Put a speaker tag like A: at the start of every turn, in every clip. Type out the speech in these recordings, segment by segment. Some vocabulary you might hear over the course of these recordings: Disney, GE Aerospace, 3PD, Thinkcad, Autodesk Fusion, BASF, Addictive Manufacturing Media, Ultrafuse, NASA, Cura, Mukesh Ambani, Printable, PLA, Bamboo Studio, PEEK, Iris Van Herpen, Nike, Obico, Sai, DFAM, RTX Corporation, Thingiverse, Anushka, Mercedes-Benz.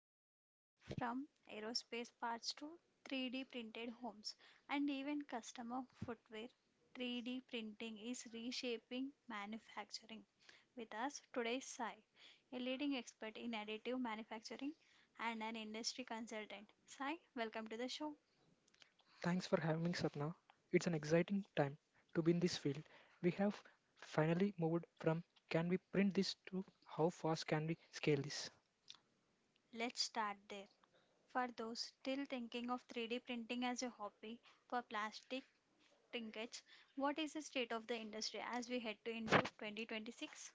A: lives, from aerospace parts to 3D printed homes and even customer footwear. 3D printing is reshaping manufacturing. With us today is Sai, a leading expert in additive manufacturing and an industry consultant. Sai, welcome to the show.
B: Thanks for having me, Sapna. It's an exciting time to be in this field. We have finally moved from can we print this to how fast can we scale this.
A: Let's start there. For those still thinking of 3D printing as a hobby for plastic trinkets, what is the state of the industry as we head to into 2026?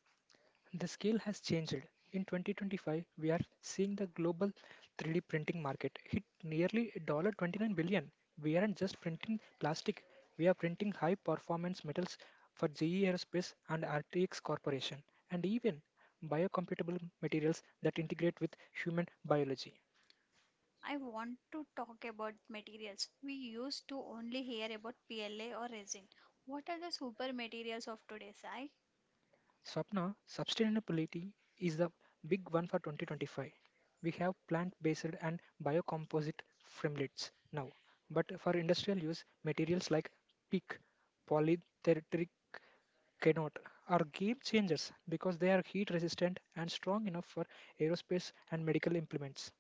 B: The scale has changed. In 2025, we are seeing the global 3D printing market hit nearly one $29 billion. We aren't just printing plastic, we are printing high performance metals for GE Aerospace and RTX Corporation, and even biocompatible materials that integrate with human biology.
A: I want to talk about materials. We used to only hear about PLA or resin. What are the super materials of today, Sai?
B: Swapna, sustainability is the big one for 2025. We have plant-based and biocomposite framelits now, but for industrial use, materials like PEEK, polyethylene cannot are game changers because they are heat resistant and strong enough for aerospace and medical implements.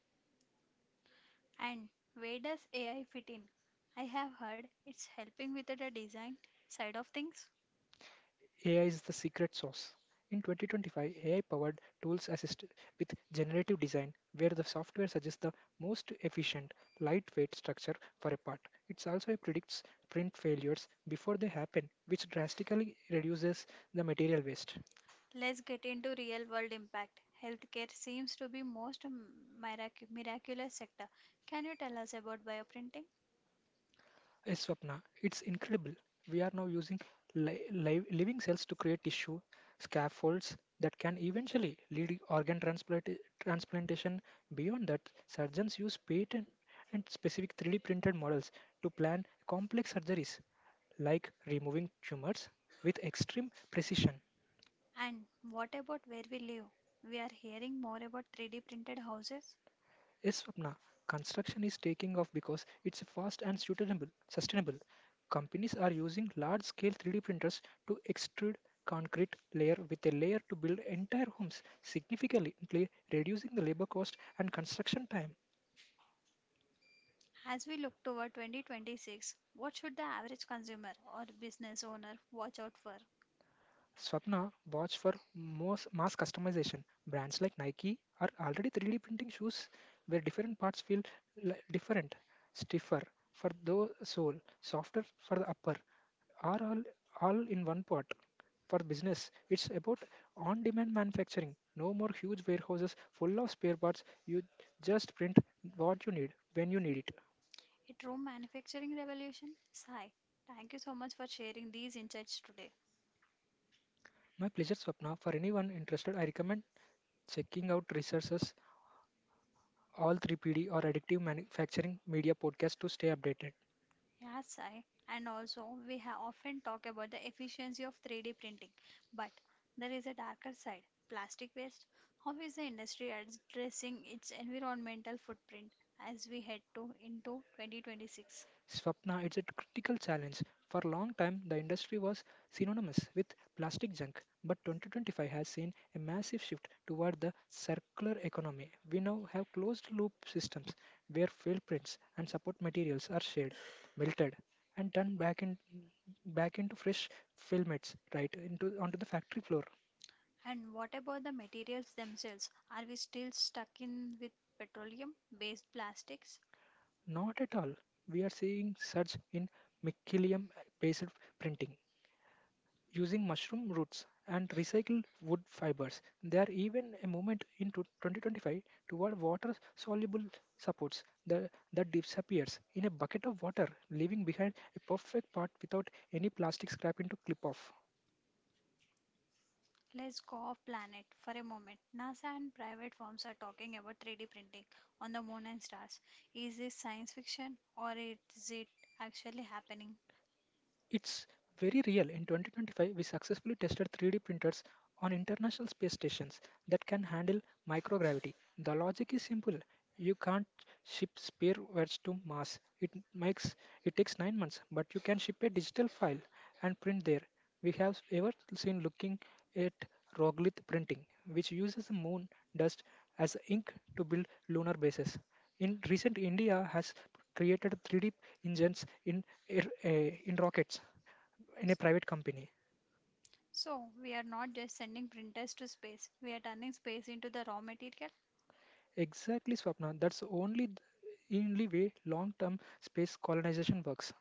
A: And where does AI fit in? I have heard it's helping with the design side of things.
B: AI is the secret sauce. In 2025, AI powered tools assist with generative design, where the software suggests the most efficient, lightweight structure for a part. It also predicts print failures before they happen, which drastically reduces the material waste.
A: Let's get into real world impact. Healthcare seems to be most m- mirac- miraculous sector. Can you tell us about bioprinting?
B: Yes, Swapna, it's incredible. We are now using living cells to create tissue scaffolds that can eventually lead organ transplantation. Beyond that, surgeons use patent and specific 3D printed models to plan complex surgeries like removing tumors with extreme precision.
A: And what about where we live? We are hearing more about 3D printed houses.
B: Yes, Swapna, construction is taking off because it's fast and sustainable. Companies are using large-scale 3D printers to extrude concrete layer with a layer to build entire homes, significantly reducing the labor cost and construction time.
A: As we look toward 2026, what should the average consumer or business owner watch out for?
B: Swapna, watch for mass customization. Brands like Nike are already 3D printing shoes where different parts feel different, stiffer for the sole, softer for the upper, are all in one pot. For business, it's about on demand manufacturing. No more huge warehouses full of spare parts. You just print what you need when you need it.
A: A true manufacturing revolution? Sai, thank you so much for sharing these insights today.
B: My pleasure, Swapna. For anyone interested, I recommend checking out resources all 3PD or Addictive Manufacturing Media podcast to stay updated.
A: Yeah, Sai. And also, we have often talk about the efficiency of 3D printing, but there is a darker side, plastic waste. How is the industry addressing its environmental footprint as we head to into 2026?
B: Swapna, it's a critical challenge. For a long time, the industry was synonymous with plastic junk, but 2025 has seen a massive shift toward the circular economy. We now have closed loop systems where fail prints and support materials are shared, melted, and turned back, back into fresh filaments right into onto the factory floor.
A: And what about the materials themselves? Are we still stuck in with petroleum-based plastics?
B: Not at all. We are seeing surge in mycelium based printing using mushroom roots and recycled wood fibers. There are even a movement in 2025 toward water soluble supports that disappears in a bucket of water, leaving behind a perfect part without any plastic scrap into clip off.
A: Let's go off planet for a moment. NASA and private firms are talking about 3D printing on the moon and stars. Is this science fiction, or is it actually happening?
B: It's very real. In 2025, we successfully tested 3D printers on international space stations that can handle microgravity. The logic is simple. You can't ship spheroids to Mars. It takes 9 months, but you can ship a digital file and print there. We have ever seen looking at roglith printing, which uses the moon dust as ink to build lunar bases. In recent, India has created 3D engines in in rockets in a private company.
A: So, we are not just sending printers to space, we are turning space into the raw material.
B: Exactly, Swapna. That's only the only way long-term space colonization works.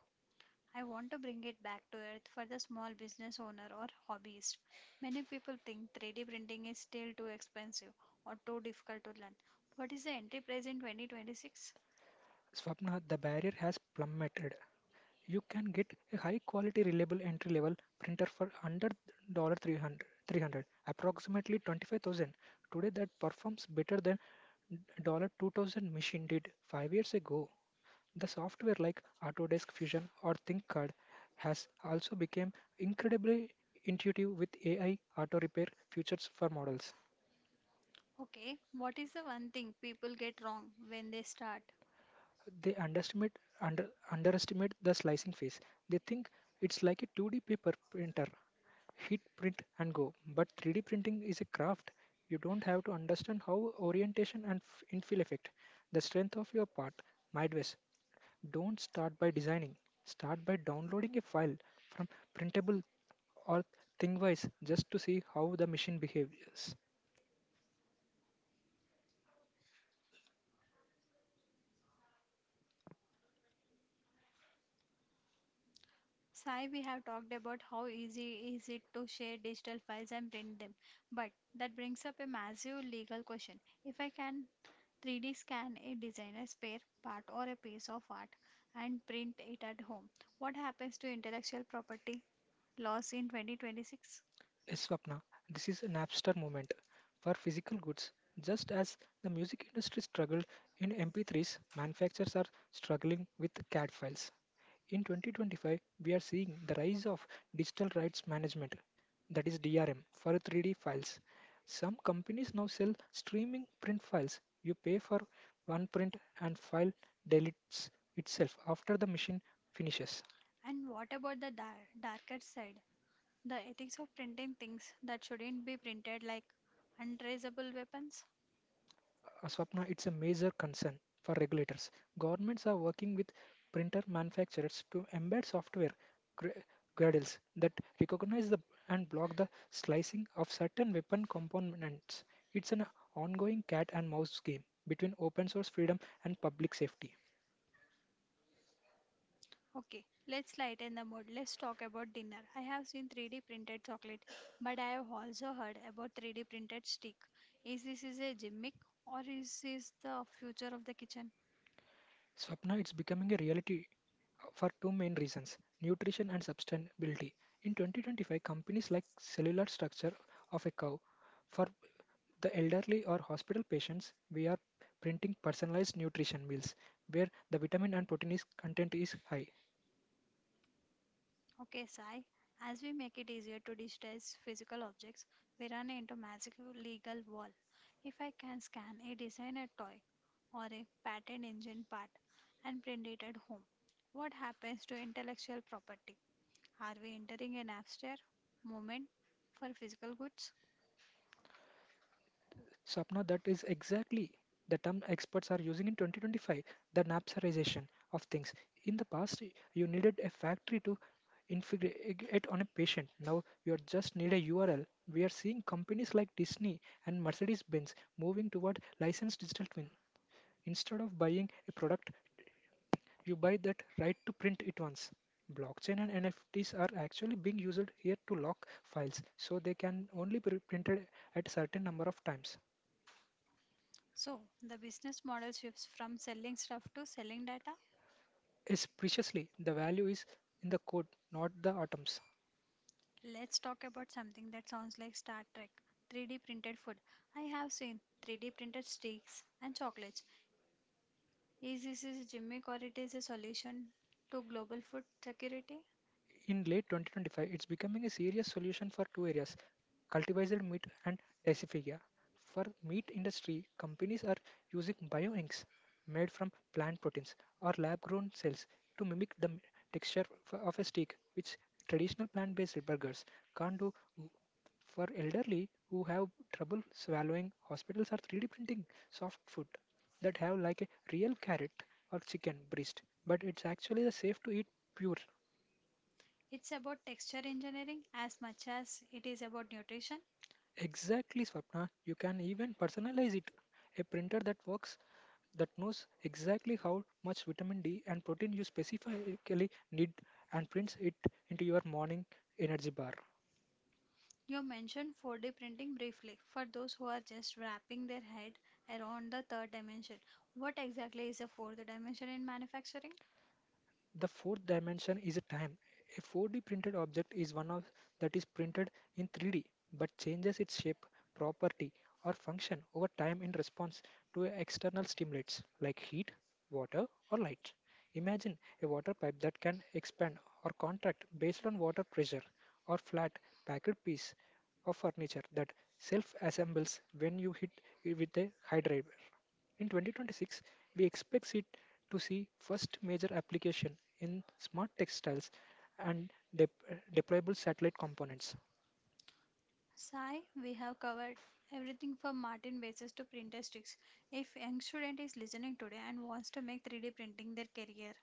A: I want to bring it back to Earth for the small business owner or hobbyist. Many people think 3D printing is still too expensive or too difficult to learn. What is the entry price in 2026?
B: Swapna, the barrier has plummeted. You can get a high quality reliable entry level printer for $100 300 approximately 25,000 today that performs better than $2000 machine did 5 years ago. The software like Autodesk Fusion or Thinkcad has also become incredibly intuitive with AI auto repair features for models.
A: Okay, what is the one thing people get wrong when they start?
B: They underestimate under underestimate the slicing phase. They think it's like a 2D paper printer, hit print and go. But 3D printing is a craft. You don't have to understand how orientation and infill effect, the strength of your part, midwest. Don't start by designing. Start by downloading a file from printable or Thingiverse just to see how the machine behaves.
A: Sai, we have talked about how easy is it to share digital files and print them, but that brings up a massive legal question. If I can 3D scan a designer's spare part or a piece of art and print it at home, what happens to intellectual property laws in 2026?
B: Yes, Swapna, this is a Napster moment for physical goods. Just as the music industry struggled in MP3s, manufacturers are struggling with CAD files. In 2025, we are seeing the rise of digital rights management, that is DRM, for 3D files. Some companies now sell streaming print files. You pay for one print and file deletes itself after the machine finishes.
A: And what about the darker side, the ethics of printing things that shouldn't be printed, like untraceable weapons?
B: Swapna, it's a major concern for regulators. Governments are working with printer manufacturers to embed software gra- gradles that recognize the and block the slicing of certain weapon components. It's an ongoing cat and mouse game between open source freedom and public safety.
A: Okay, let's lighten the mood. Let's talk about dinner. I have seen 3D printed chocolate, but I have also heard about 3D printed steak. Is this is a gimmick, or is this the future of the kitchen?
B: Swapna, it's becoming a reality for two main reasons nutrition and sustainability. In 2025, companies like Cellular Structure of a Cow for the elderly or hospital patients, we are printing personalized nutrition meals where the vitamin and protein is content is high.
A: Okay, Sai, as we make it easier to digitize physical objects, we run into magical legal wall. If I can scan a designer toy or a patent engine part and print it at home, what happens to intellectual property? Are we entering an abstract moment for physical goods?
B: Sapna, that is exactly the term experts are using in 2025, the napsarization of things. In the past, you needed a factory to infiltrate on a patient. Now you are just need a URL. We are seeing companies like Disney and Mercedes-Benz moving toward licensed digital twin. Instead of buying a product, you buy that right to print it once. Blockchain and NFTs are actually being used here to lock files, so they can only be printed at a certain number of times.
A: So, the business model shifts from selling stuff to selling data.
B: Is preciously the value is in the code, not the atoms.
A: Let's talk about something that sounds like Star Trek, 3D printed food. I have seen 3D printed steaks and chocolates. Is this a gimmick, or it is a solution to global food security?
B: In late 2025, it's becoming a serious solution for two areas, cultivated meat and dasyphilia. For meat industry, companies are using bioinks made from plant proteins or lab-grown cells to mimic the texture of a steak, which traditional plant-based burgers can't do. For elderly who have trouble swallowing, hospitals are 3D printing soft food that have like a real carrot or chicken breast, but it's actually the safe to eat pure.
A: It's about texture engineering as much as it is about nutrition.
B: Exactly, Swapna. You can even personalize it. A printer that knows exactly how much vitamin D and protein you specifically need and prints it into your morning energy bar.
A: You mentioned 4D printing briefly for those who are just wrapping their head around the third dimension. What exactly is the fourth dimension in manufacturing?
B: The fourth dimension is a time. A 4D printed object is one of that is printed in 3D but changes its shape, property, or function over time in response to external stimulates like heat, water, or light. Imagine a water pipe that can expand or contract based on water pressure, or flat packed piece of furniture that self assembles when you hit it with a. In 2026, we expect it to see first major application in smart textiles and deployable satellite components.
A: Sai, we have covered everything from Martin bases to printer sticks. If young student is listening today and wants to make 3D printing their career,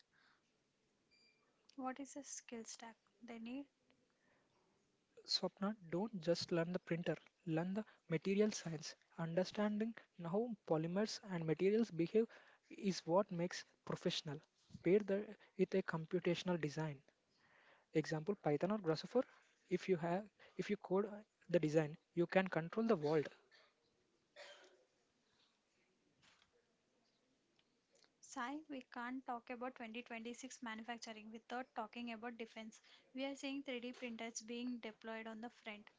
A: what is the skill stack they need?
B: Swapna, don't just learn the printer, learn the material science. Understanding how polymers and materials behave is what makes professional. Pair with a computational design. Example Python or Grasshopper. If you have if you code, the design, you can control the world.
A: Sai, we can't talk about 2026 manufacturing without talking about defense. We are seeing 3D printers being deployed on the front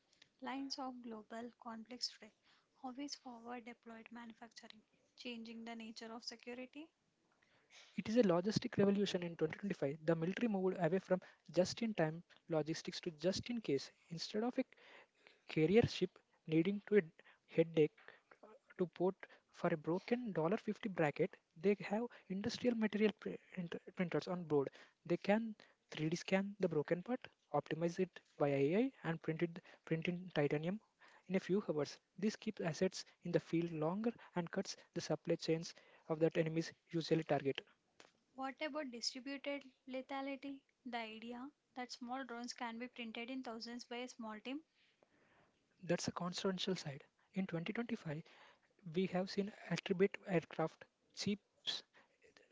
A: lines of global conflicts today. How is forward deployed manufacturing changing the nature of security?
B: It is a logistic revolution in 2025. The military moved away from just in time logistics to just in case. Instead of a carrier ship needing to a headache to port for a broken dollar 50 bracket, they have industrial material printers on board. They can 3D scan the broken part, optimize it by AI, and print in titanium in a few hours. This keeps assets in the field longer and cuts the supply chains of that enemies usually target.
A: What about distributed lethality? The idea that small drones can be printed in thousands by a small team.
B: That's a consequential side. In 2025, we have seen attribute aircraft, cheap,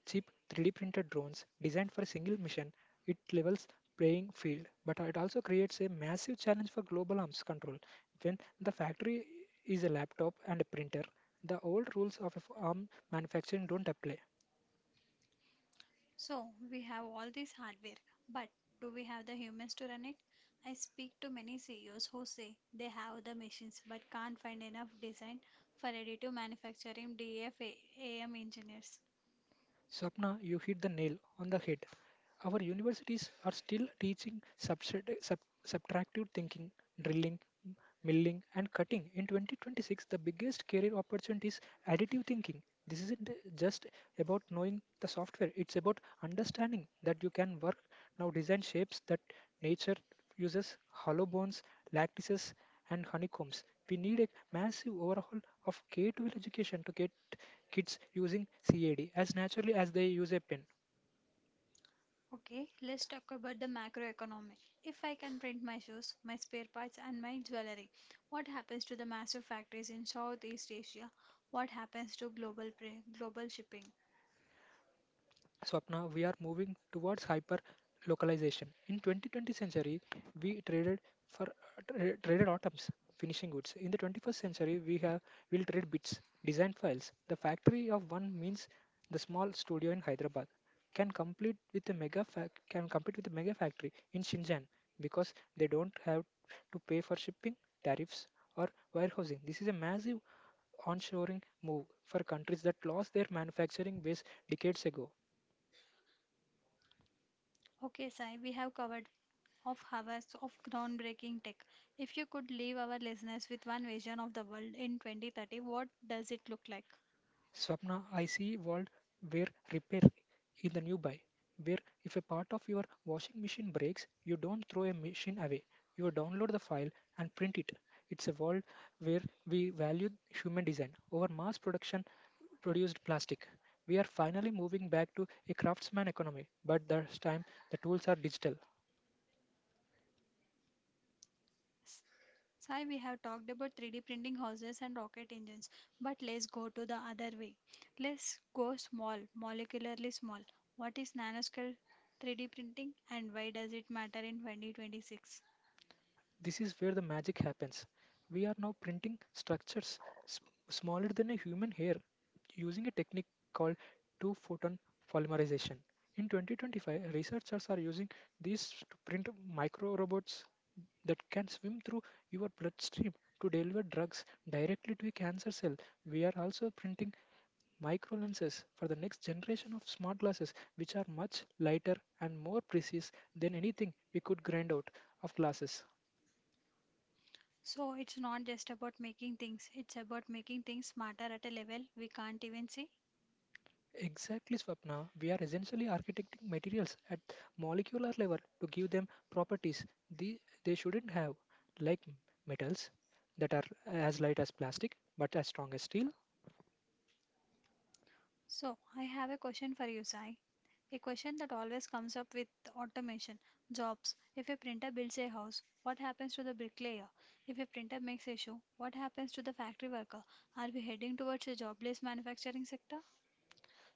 B: cheap 3D printed drones designed for a single mission. It levels playing field, but it also creates a massive challenge for global arms control. When the factory is a laptop and a printer, the old rules of a arm manufacturing don't apply.
A: So, we have all this hardware, but do we have the humans to run it? I speak to many CEOs who say they have the machines but can't find enough design for additive manufacturing DFAM engineers.
B: Swapna, you hit the nail on the head. Our universities are still teaching subtractive thinking, drilling, m- milling, and cutting. In 2026, the biggest career opportunity is additive thinking. This isn't just about knowing the software, it's about understanding that you can work now design shapes that nature uses hollow bones, lattices, and honeycombs. We need a massive overhaul of K-12 education to get kids using CAD as naturally as they use a pen.
A: Okay, let's talk about the macroeconomy. If I can print my shoes, my spare parts, and my jewelry, what happens to the massive factories in Southeast Asia? What happens to global shipping?
B: Swapna, we are moving towards hyper localization. In 2020 century, we for traded atoms, finishing goods. In the 21st century, we have will trade bits, design files. The factory of one means the small studio in Hyderabad can compete with a mega factory in Shenzhen because they don't have to pay for shipping tariffs or warehousing. This is a massive onshoring move for countries that lost their manufacturing base decades ago.
A: Okay, Sai, we have covered of hours of groundbreaking tech. If you could leave our listeners with one vision of the world in 2030, what does it look like?
B: Swapna, I see world where repair is the new buy, where if a part of your washing machine breaks, you don't throw a machine away. You download the file and print it. It's a world where we value human design over mass production produced plastic. We are finally moving back to a craftsman economy, but this time the tools are digital.
A: Sai, we have talked about 3D printing houses and rocket engines, but let's go to the other way. Let's go small, molecularly small. What is nanoscale 3D printing and why does it matter in 2026?
B: This is where the magic happens. We are now printing structures s- smaller than a human hair using a technique called two photon polymerization. In 2025, researchers are using these to print micro robots that can swim through your bloodstream to deliver drugs directly to a cancer cell. We are also printing micro lenses for the next generation of smart glasses, which are much lighter and more precise than anything we could grind out of glasses.
A: So, it's not just about making things, it's about making things smarter at a level we can't even see.
B: Exactly, Swapna. We are essentially architecting materials at molecular level to give them properties they, they shouldn't have, like metals that are as light as plastic but as strong as steel.
A: So, I have a question for you, Sai. A question that always comes up with automation jobs. If a printer builds a house, what happens to the bricklayer? If a printer makes a shoe, what happens to the factory worker? Are we heading towards a jobless manufacturing sector?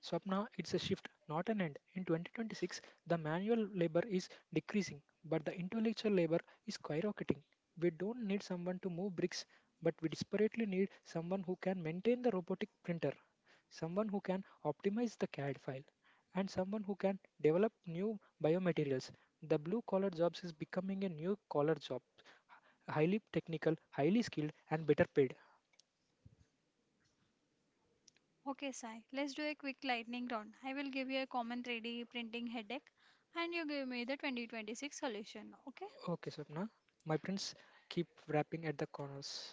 B: Swapna, it's a shift, not an end. In 2026, the manual labor is decreasing, but the intellectual labor is skyrocketing. We don't need someone to move bricks, but we desperately need someone who can maintain the robotic printer, someone who can optimize the CAD file, and someone who can develop new biomaterials. The blue collar jobs is becoming a new collar job, highly technical, highly skilled, and better paid.
A: Okay, Sai, let's do a quick lightning round. I will give you a common 3D printing headache and you give me the 2026 solution. Okay?
B: Okay, Sapna, my prints keep wrapping at the corners.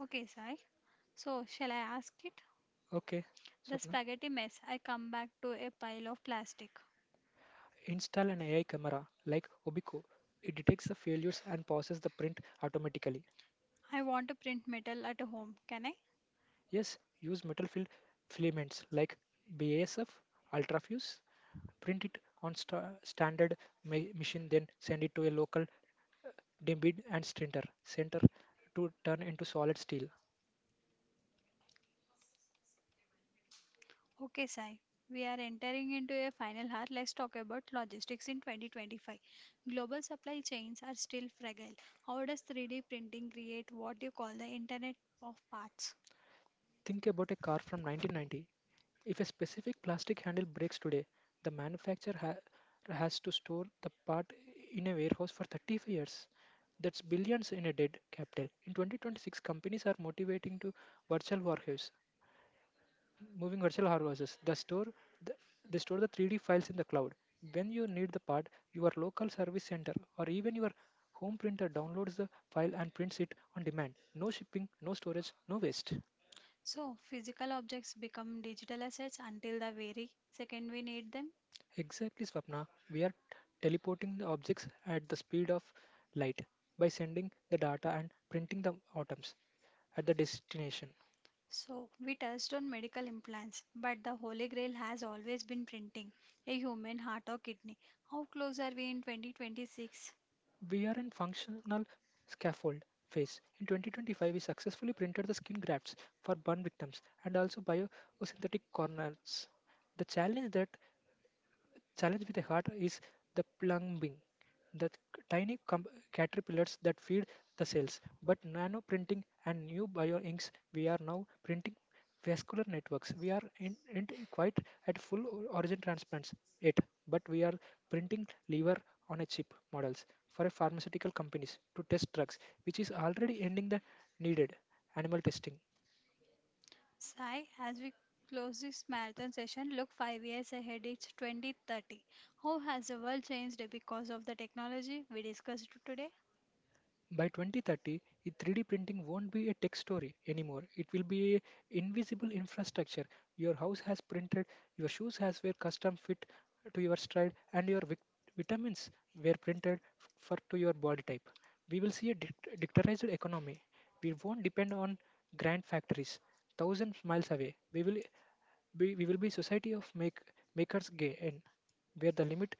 A: Okay, Sai. So, shall I ask it?
B: Okay,
A: The
B: Sapna.
A: spaghetti mess. I come back to a pile of plastic.
B: Install an AI camera like Obico. It detects the failures and pauses the print automatically.
A: I want to print metal at home. Can I?
B: Yes, use metal filled filaments like BASF, ultrafuse, print it on standard machine, then send it to a local dimbid and strinter center to turn into solid steel.
A: Okay, Sai. We are entering into a final hour. Let's talk about logistics in 2025. Global supply chains are still fragile. How does 3D printing create what you call the Internet of Parts?
B: Think about a car from 1990. If a specific plastic handle breaks today, the manufacturer has to store the part in a warehouse for 35 years. That's billions in a dead capital. In 2026, companies are motivating to virtual warehouses, moving virtual hardware, the, they store the 3D files in the cloud. When you need the part, your local service center or even your home printer downloads the file and prints it on demand. No shipping, no storage, no waste.
A: So, physical objects become digital assets until the very second we need them.
B: Exactly, Swapna. We are teleporting the objects at the speed of light by sending the data and printing the atoms at the destination.
A: So, we touched on medical implants, but the holy grail has always been printing a human heart or kidney. How close are we in 2026?
B: We are in functional scaffold phase. In 2025, we successfully printed the skin grafts for burn victims and also biosynthetic corners. The challenge with the heart is the plumbing, the tiny caterpillars that feed the cells. But nano printing and new bioinks, we are now printing vascular networks. We are in quite at full origin transplants yet, but we are printing liver on a chip models for a pharmaceutical companies to test drugs, which is already ending the needed animal testing.
A: Sai, as we close this marathon session, look 5 years ahead, it's 2030. How has the world changed because of the technology we discussed today?
B: By 2030, 3D printing won't be a tech story anymore. It will be a invisible infrastructure. Your house has printed, your shoes has were custom fit to your stride, and your vitamins were printed for to your body type. We will see a digitalized economy. We won't depend on grand factories thousands miles away. We will be society of make makers gay and where the limit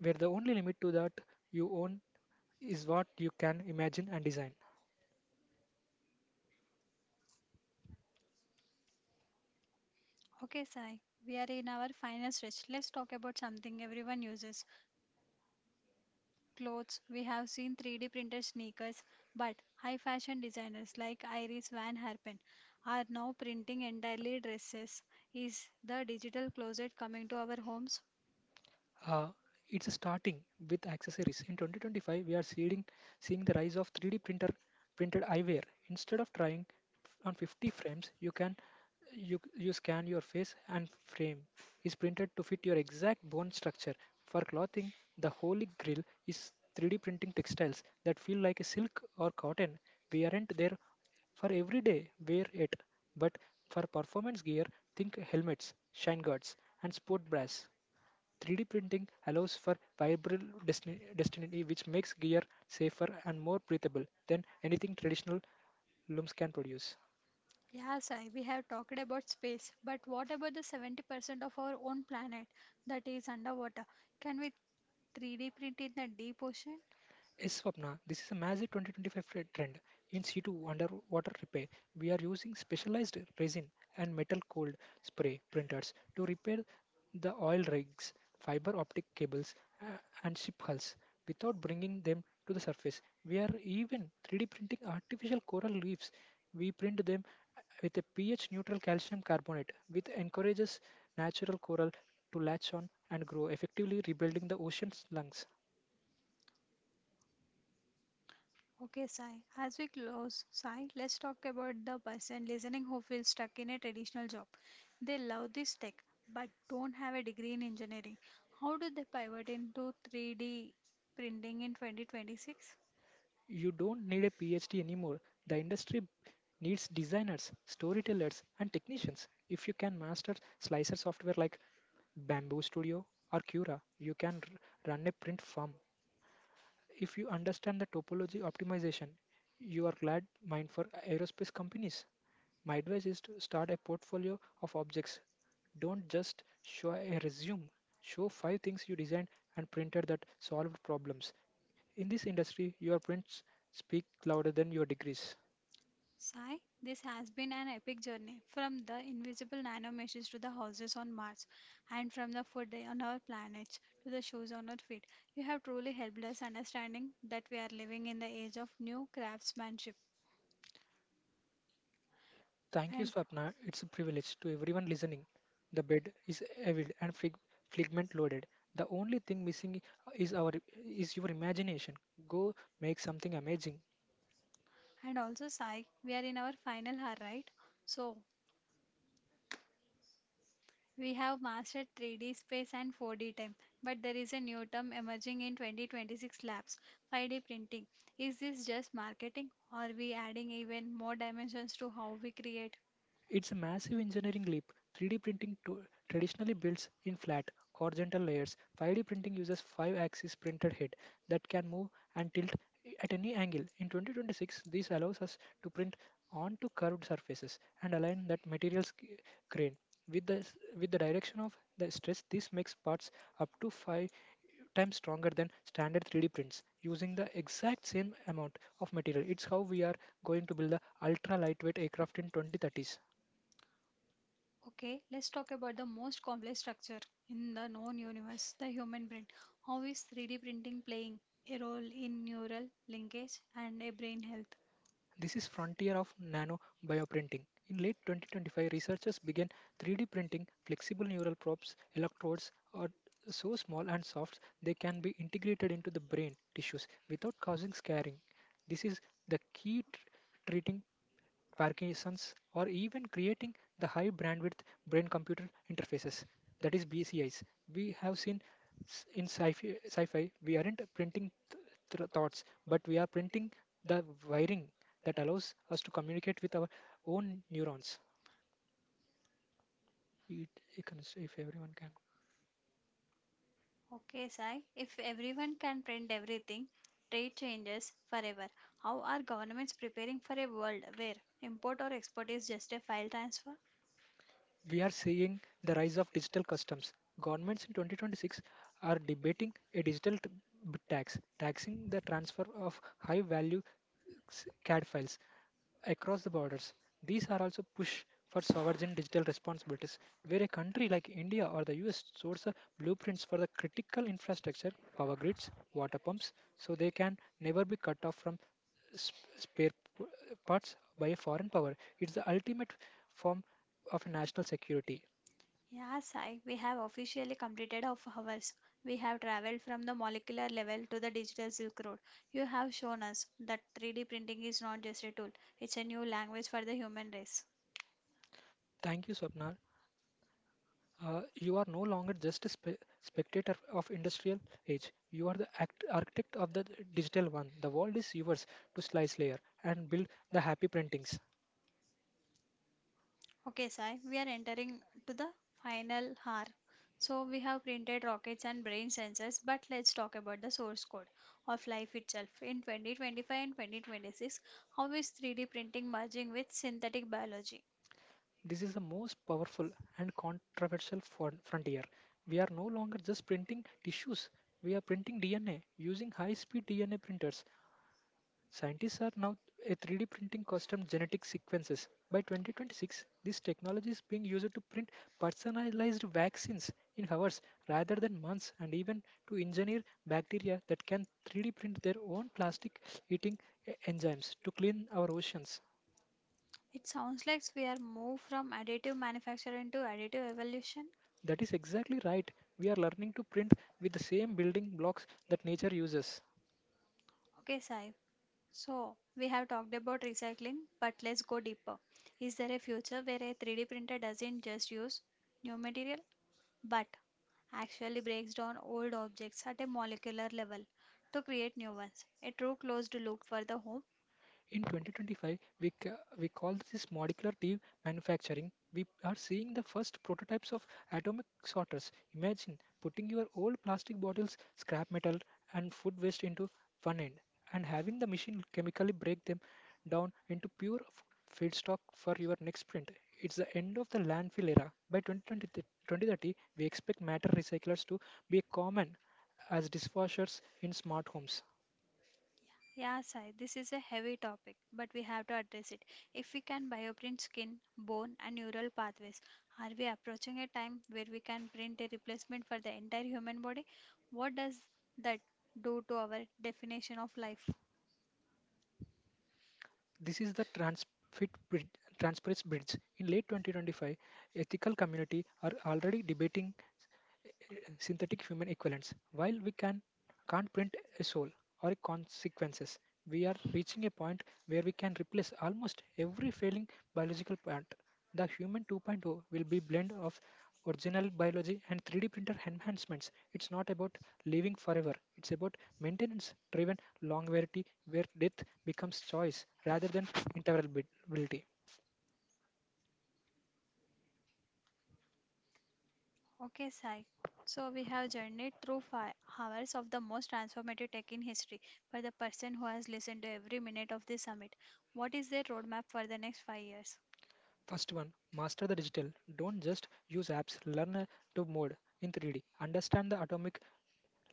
B: where the only limit to that you own is what you can imagine and design.
A: Okay, Sai, we are in our final stretch. Let's talk about something everyone uses, clothes. We have seen 3D printed sneakers, but high fashion designers like Iris Van Herpen are now printing entirely dresses. Is the digital closet coming to our homes?
B: Uh, it's starting with accessories. In 2025, we are seeing the rise of 3D printer printed eyewear. Instead of trying on 50 frames, you scan your face and frame is printed to fit your exact bone structure. For clothing, the holy grail is 3D printing textiles that feel like a silk or cotton. We aren't there for everyday wear it, but for performance gear, think helmets, shine guards, and sport bras. 3D printing allows for vibrant destiny, which makes gear safer and more breathable than anything traditional looms can produce.
A: Yeah, Sai, we have talked about space, but what about the 70% of our own planet that is underwater? Can we 3D print in the deep ocean?
B: Yes, Swapna, this is a massive 2025 trend, in situ underwater repair. We are using specialized resin and metal cold spray printers to repair the oil rigs, fiber optic cables, uh, and ship hulls without bringing them to the surface. We are even 3D printing artificial coral reefs. We print them with a pH neutral calcium carbonate, which encourages natural coral to latch on and grow, effectively rebuilding the ocean's lungs.
A: Okay, Sai. As we close, Sai, let's talk about the person listening who feels stuck in a traditional job. They love this tech but don't have a degree in engineering. How do they pivot into 3D printing in 2026?
B: You don't need a PhD anymore. The industry needs designers, storytellers, and technicians. If you can master slicer software like Bamboo Studio or Cura, you can run a print firm. If you understand the topology optimization, you are glad mind for aerospace companies. My advice is to start a portfolio of objects. Don't just show a resume. Show five things you designed and printed that solved problems. In this industry, your prints speak louder than your degrees.
A: Sai, this has been an epic journey from the invisible nanomachines to the houses on Mars, and from the food on our planet to the shoes on our feet. You have truly helped us understanding that we are living in the age of new craftsmanship.
B: Thank you,
A: And
B: Swapna. It's a privilege to everyone listening. The bed is heavy and figment loaded. The only thing missing is our is your imagination. Go make something amazing.
A: also, Sai, we are in our final hour, right? So, we have mastered 3D space and 4D time, but there is a new term emerging in 2026 labs, 5D printing. Is this just marketing? Or are we adding even more dimensions to how we create?
B: It's a massive engineering leap. 3D printing to traditionally builds in flat, horizontal layers. 5D printing uses 5 axis printed head that can move and tilt at any angle. In 2026, this allows us to print onto curved surfaces and align that material's grain with the direction of the stress. This makes parts up to 5 times stronger than standard 3D prints using the exact same amount of material. It's how we are going to build the ultra lightweight aircraft in 2030s.
A: Okay, let's talk about the most complex structure in the known universe, the human brain. How is 3D printing playing a role in neural linkage and a brain health?
B: This is frontier of nano bioprinting. In late 2025, researchers began 3D printing flexible neural probes, electrodes are so small and soft they can be integrated into the brain tissues without causing scarring. This is the key treating Parkinson's, or even creating the high bandwidth brain computer interfaces, that is BCIs. We have seen sci-fi we aren't printing thoughts, but we are printing the wiring that allows us to communicate with our own neurons. It, it can, if everyone can
A: Okay, Sai, if everyone can print everything, trade changes forever. How are governments preparing for a world where import or export is just a file transfer?
B: We are seeing the rise of digital customs. Governments in 2026 are debating a digital bit tax, taxing the transfer of high value CAD files across the borders. These are also push for sovereign digital responsibilities, where a country like India or the US source the blueprints for the critical infrastructure, power grids, water pumps, so they can never be cut off from spare p- parts by a foreign power. It's the ultimate form of national security.
A: Yeah, Sai, we have officially completed our hours. We have traveled from the molecular level to the digital Silk Road. You have shown us that 3D printing is not just a tool, it's a new language for the human race.
B: Thank you, Swapna. You are no longer just a spectator of industrial age. You are the architect of the digital one. The world is yours to slice layer and build the happy printings.
A: Okay, Sai, we are entering to the final hour. So we have printed rockets and brain sensors, but let's talk about the source code of life itself. In 2025 and 2026, how is 3D printing merging with synthetic biology?
B: This is the most powerful and controversial frontier. We are no longer just printing tissues. We are printing DNA using high-speed DNA printers. Scientists are now a 3D printing custom genetic sequences. By 2026, this technology is being used to print personalized vaccines in hours rather than months, and even to engineer bacteria that can 3D print their own plastic eating enzymes to clean our oceans.
A: It sounds like we are moved from additive manufacturing to additive evolution.
B: That is exactly right. We are learning to print with the same building blocks that nature uses.
A: Okay, Sai. So, we have talked about recycling, but let's go deeper. Is there a future where a 3D printer doesn't just use new material but actually breaks down old objects at a molecular level to create new ones? A true closed loop for the home.
B: In 2025, we call this molecular deep manufacturing. We are seeing the first prototypes of atomic sorters. Imagine putting your old plastic bottles, scrap metal, and food waste into one end and having the machine chemically break them down into pure feedstock for your next print. It's the end of the landfill era. By 2030, we expect matter recyclers to be common as dishwashers in smart homes.
A: Yeah, Sai, this is a heavy topic, but we have to address it. If we can bioprint skin, bone, and neural pathways, are we approaching a time where we can print a replacement for the entire human body? What does that do to our definition of life?
B: This is the Transparency Bridge. In late 2025, ethical community are already debating uh, synthetic human equivalents. While we can can't print a soul or consequences. We are reaching a point where we can replace almost every failing biological part. The human 2.0 will be blend of original biology and 3D printer enhancements. It's not about living forever. It's about maintenance driven longevity where death becomes choice rather than interoperability.
A: Okay, Sai. So we have journeyed through 5 hours of the most transformative tech in history. For the person who has listened to every minute of this summit, what is their roadmap for the next 5 years?
B: First one, master the digital. Don't just use apps, learn to mode in 3D. Understand the atomic.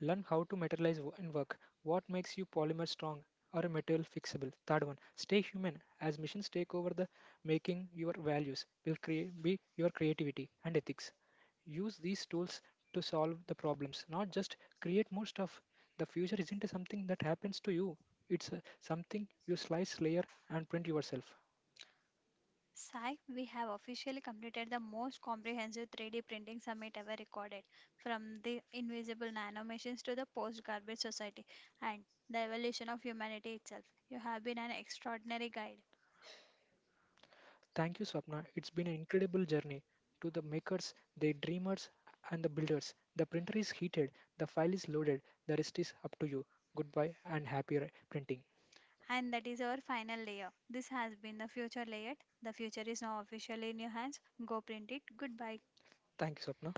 B: Learn how to materialize and work. What makes you polymer strong or a material fixable? Third one, stay human. As missions take over the making, your values will create be your creativity and ethics. Use these tools to solve the problems, not just create more stuff. The future isn't something that happens to you. It's something you slice, layer, and print yourself.
A: Sai, we have officially completed the most comprehensive 3D printing summit ever recorded, from the invisible nanomachines to the post-garbage society and the evolution of humanity itself. You have been an extraordinary guide.
B: Thank you, Swapna. It's been an incredible journey. To the makers, the dreamers, and the builders, the printer is heated, the file is loaded, the rest is up to you. Goodbye and happy printing.
A: And that is our final layer. This has been the future layer. The future is now officially in your hands. Go print it. Goodbye.
B: Thank you, Swapna.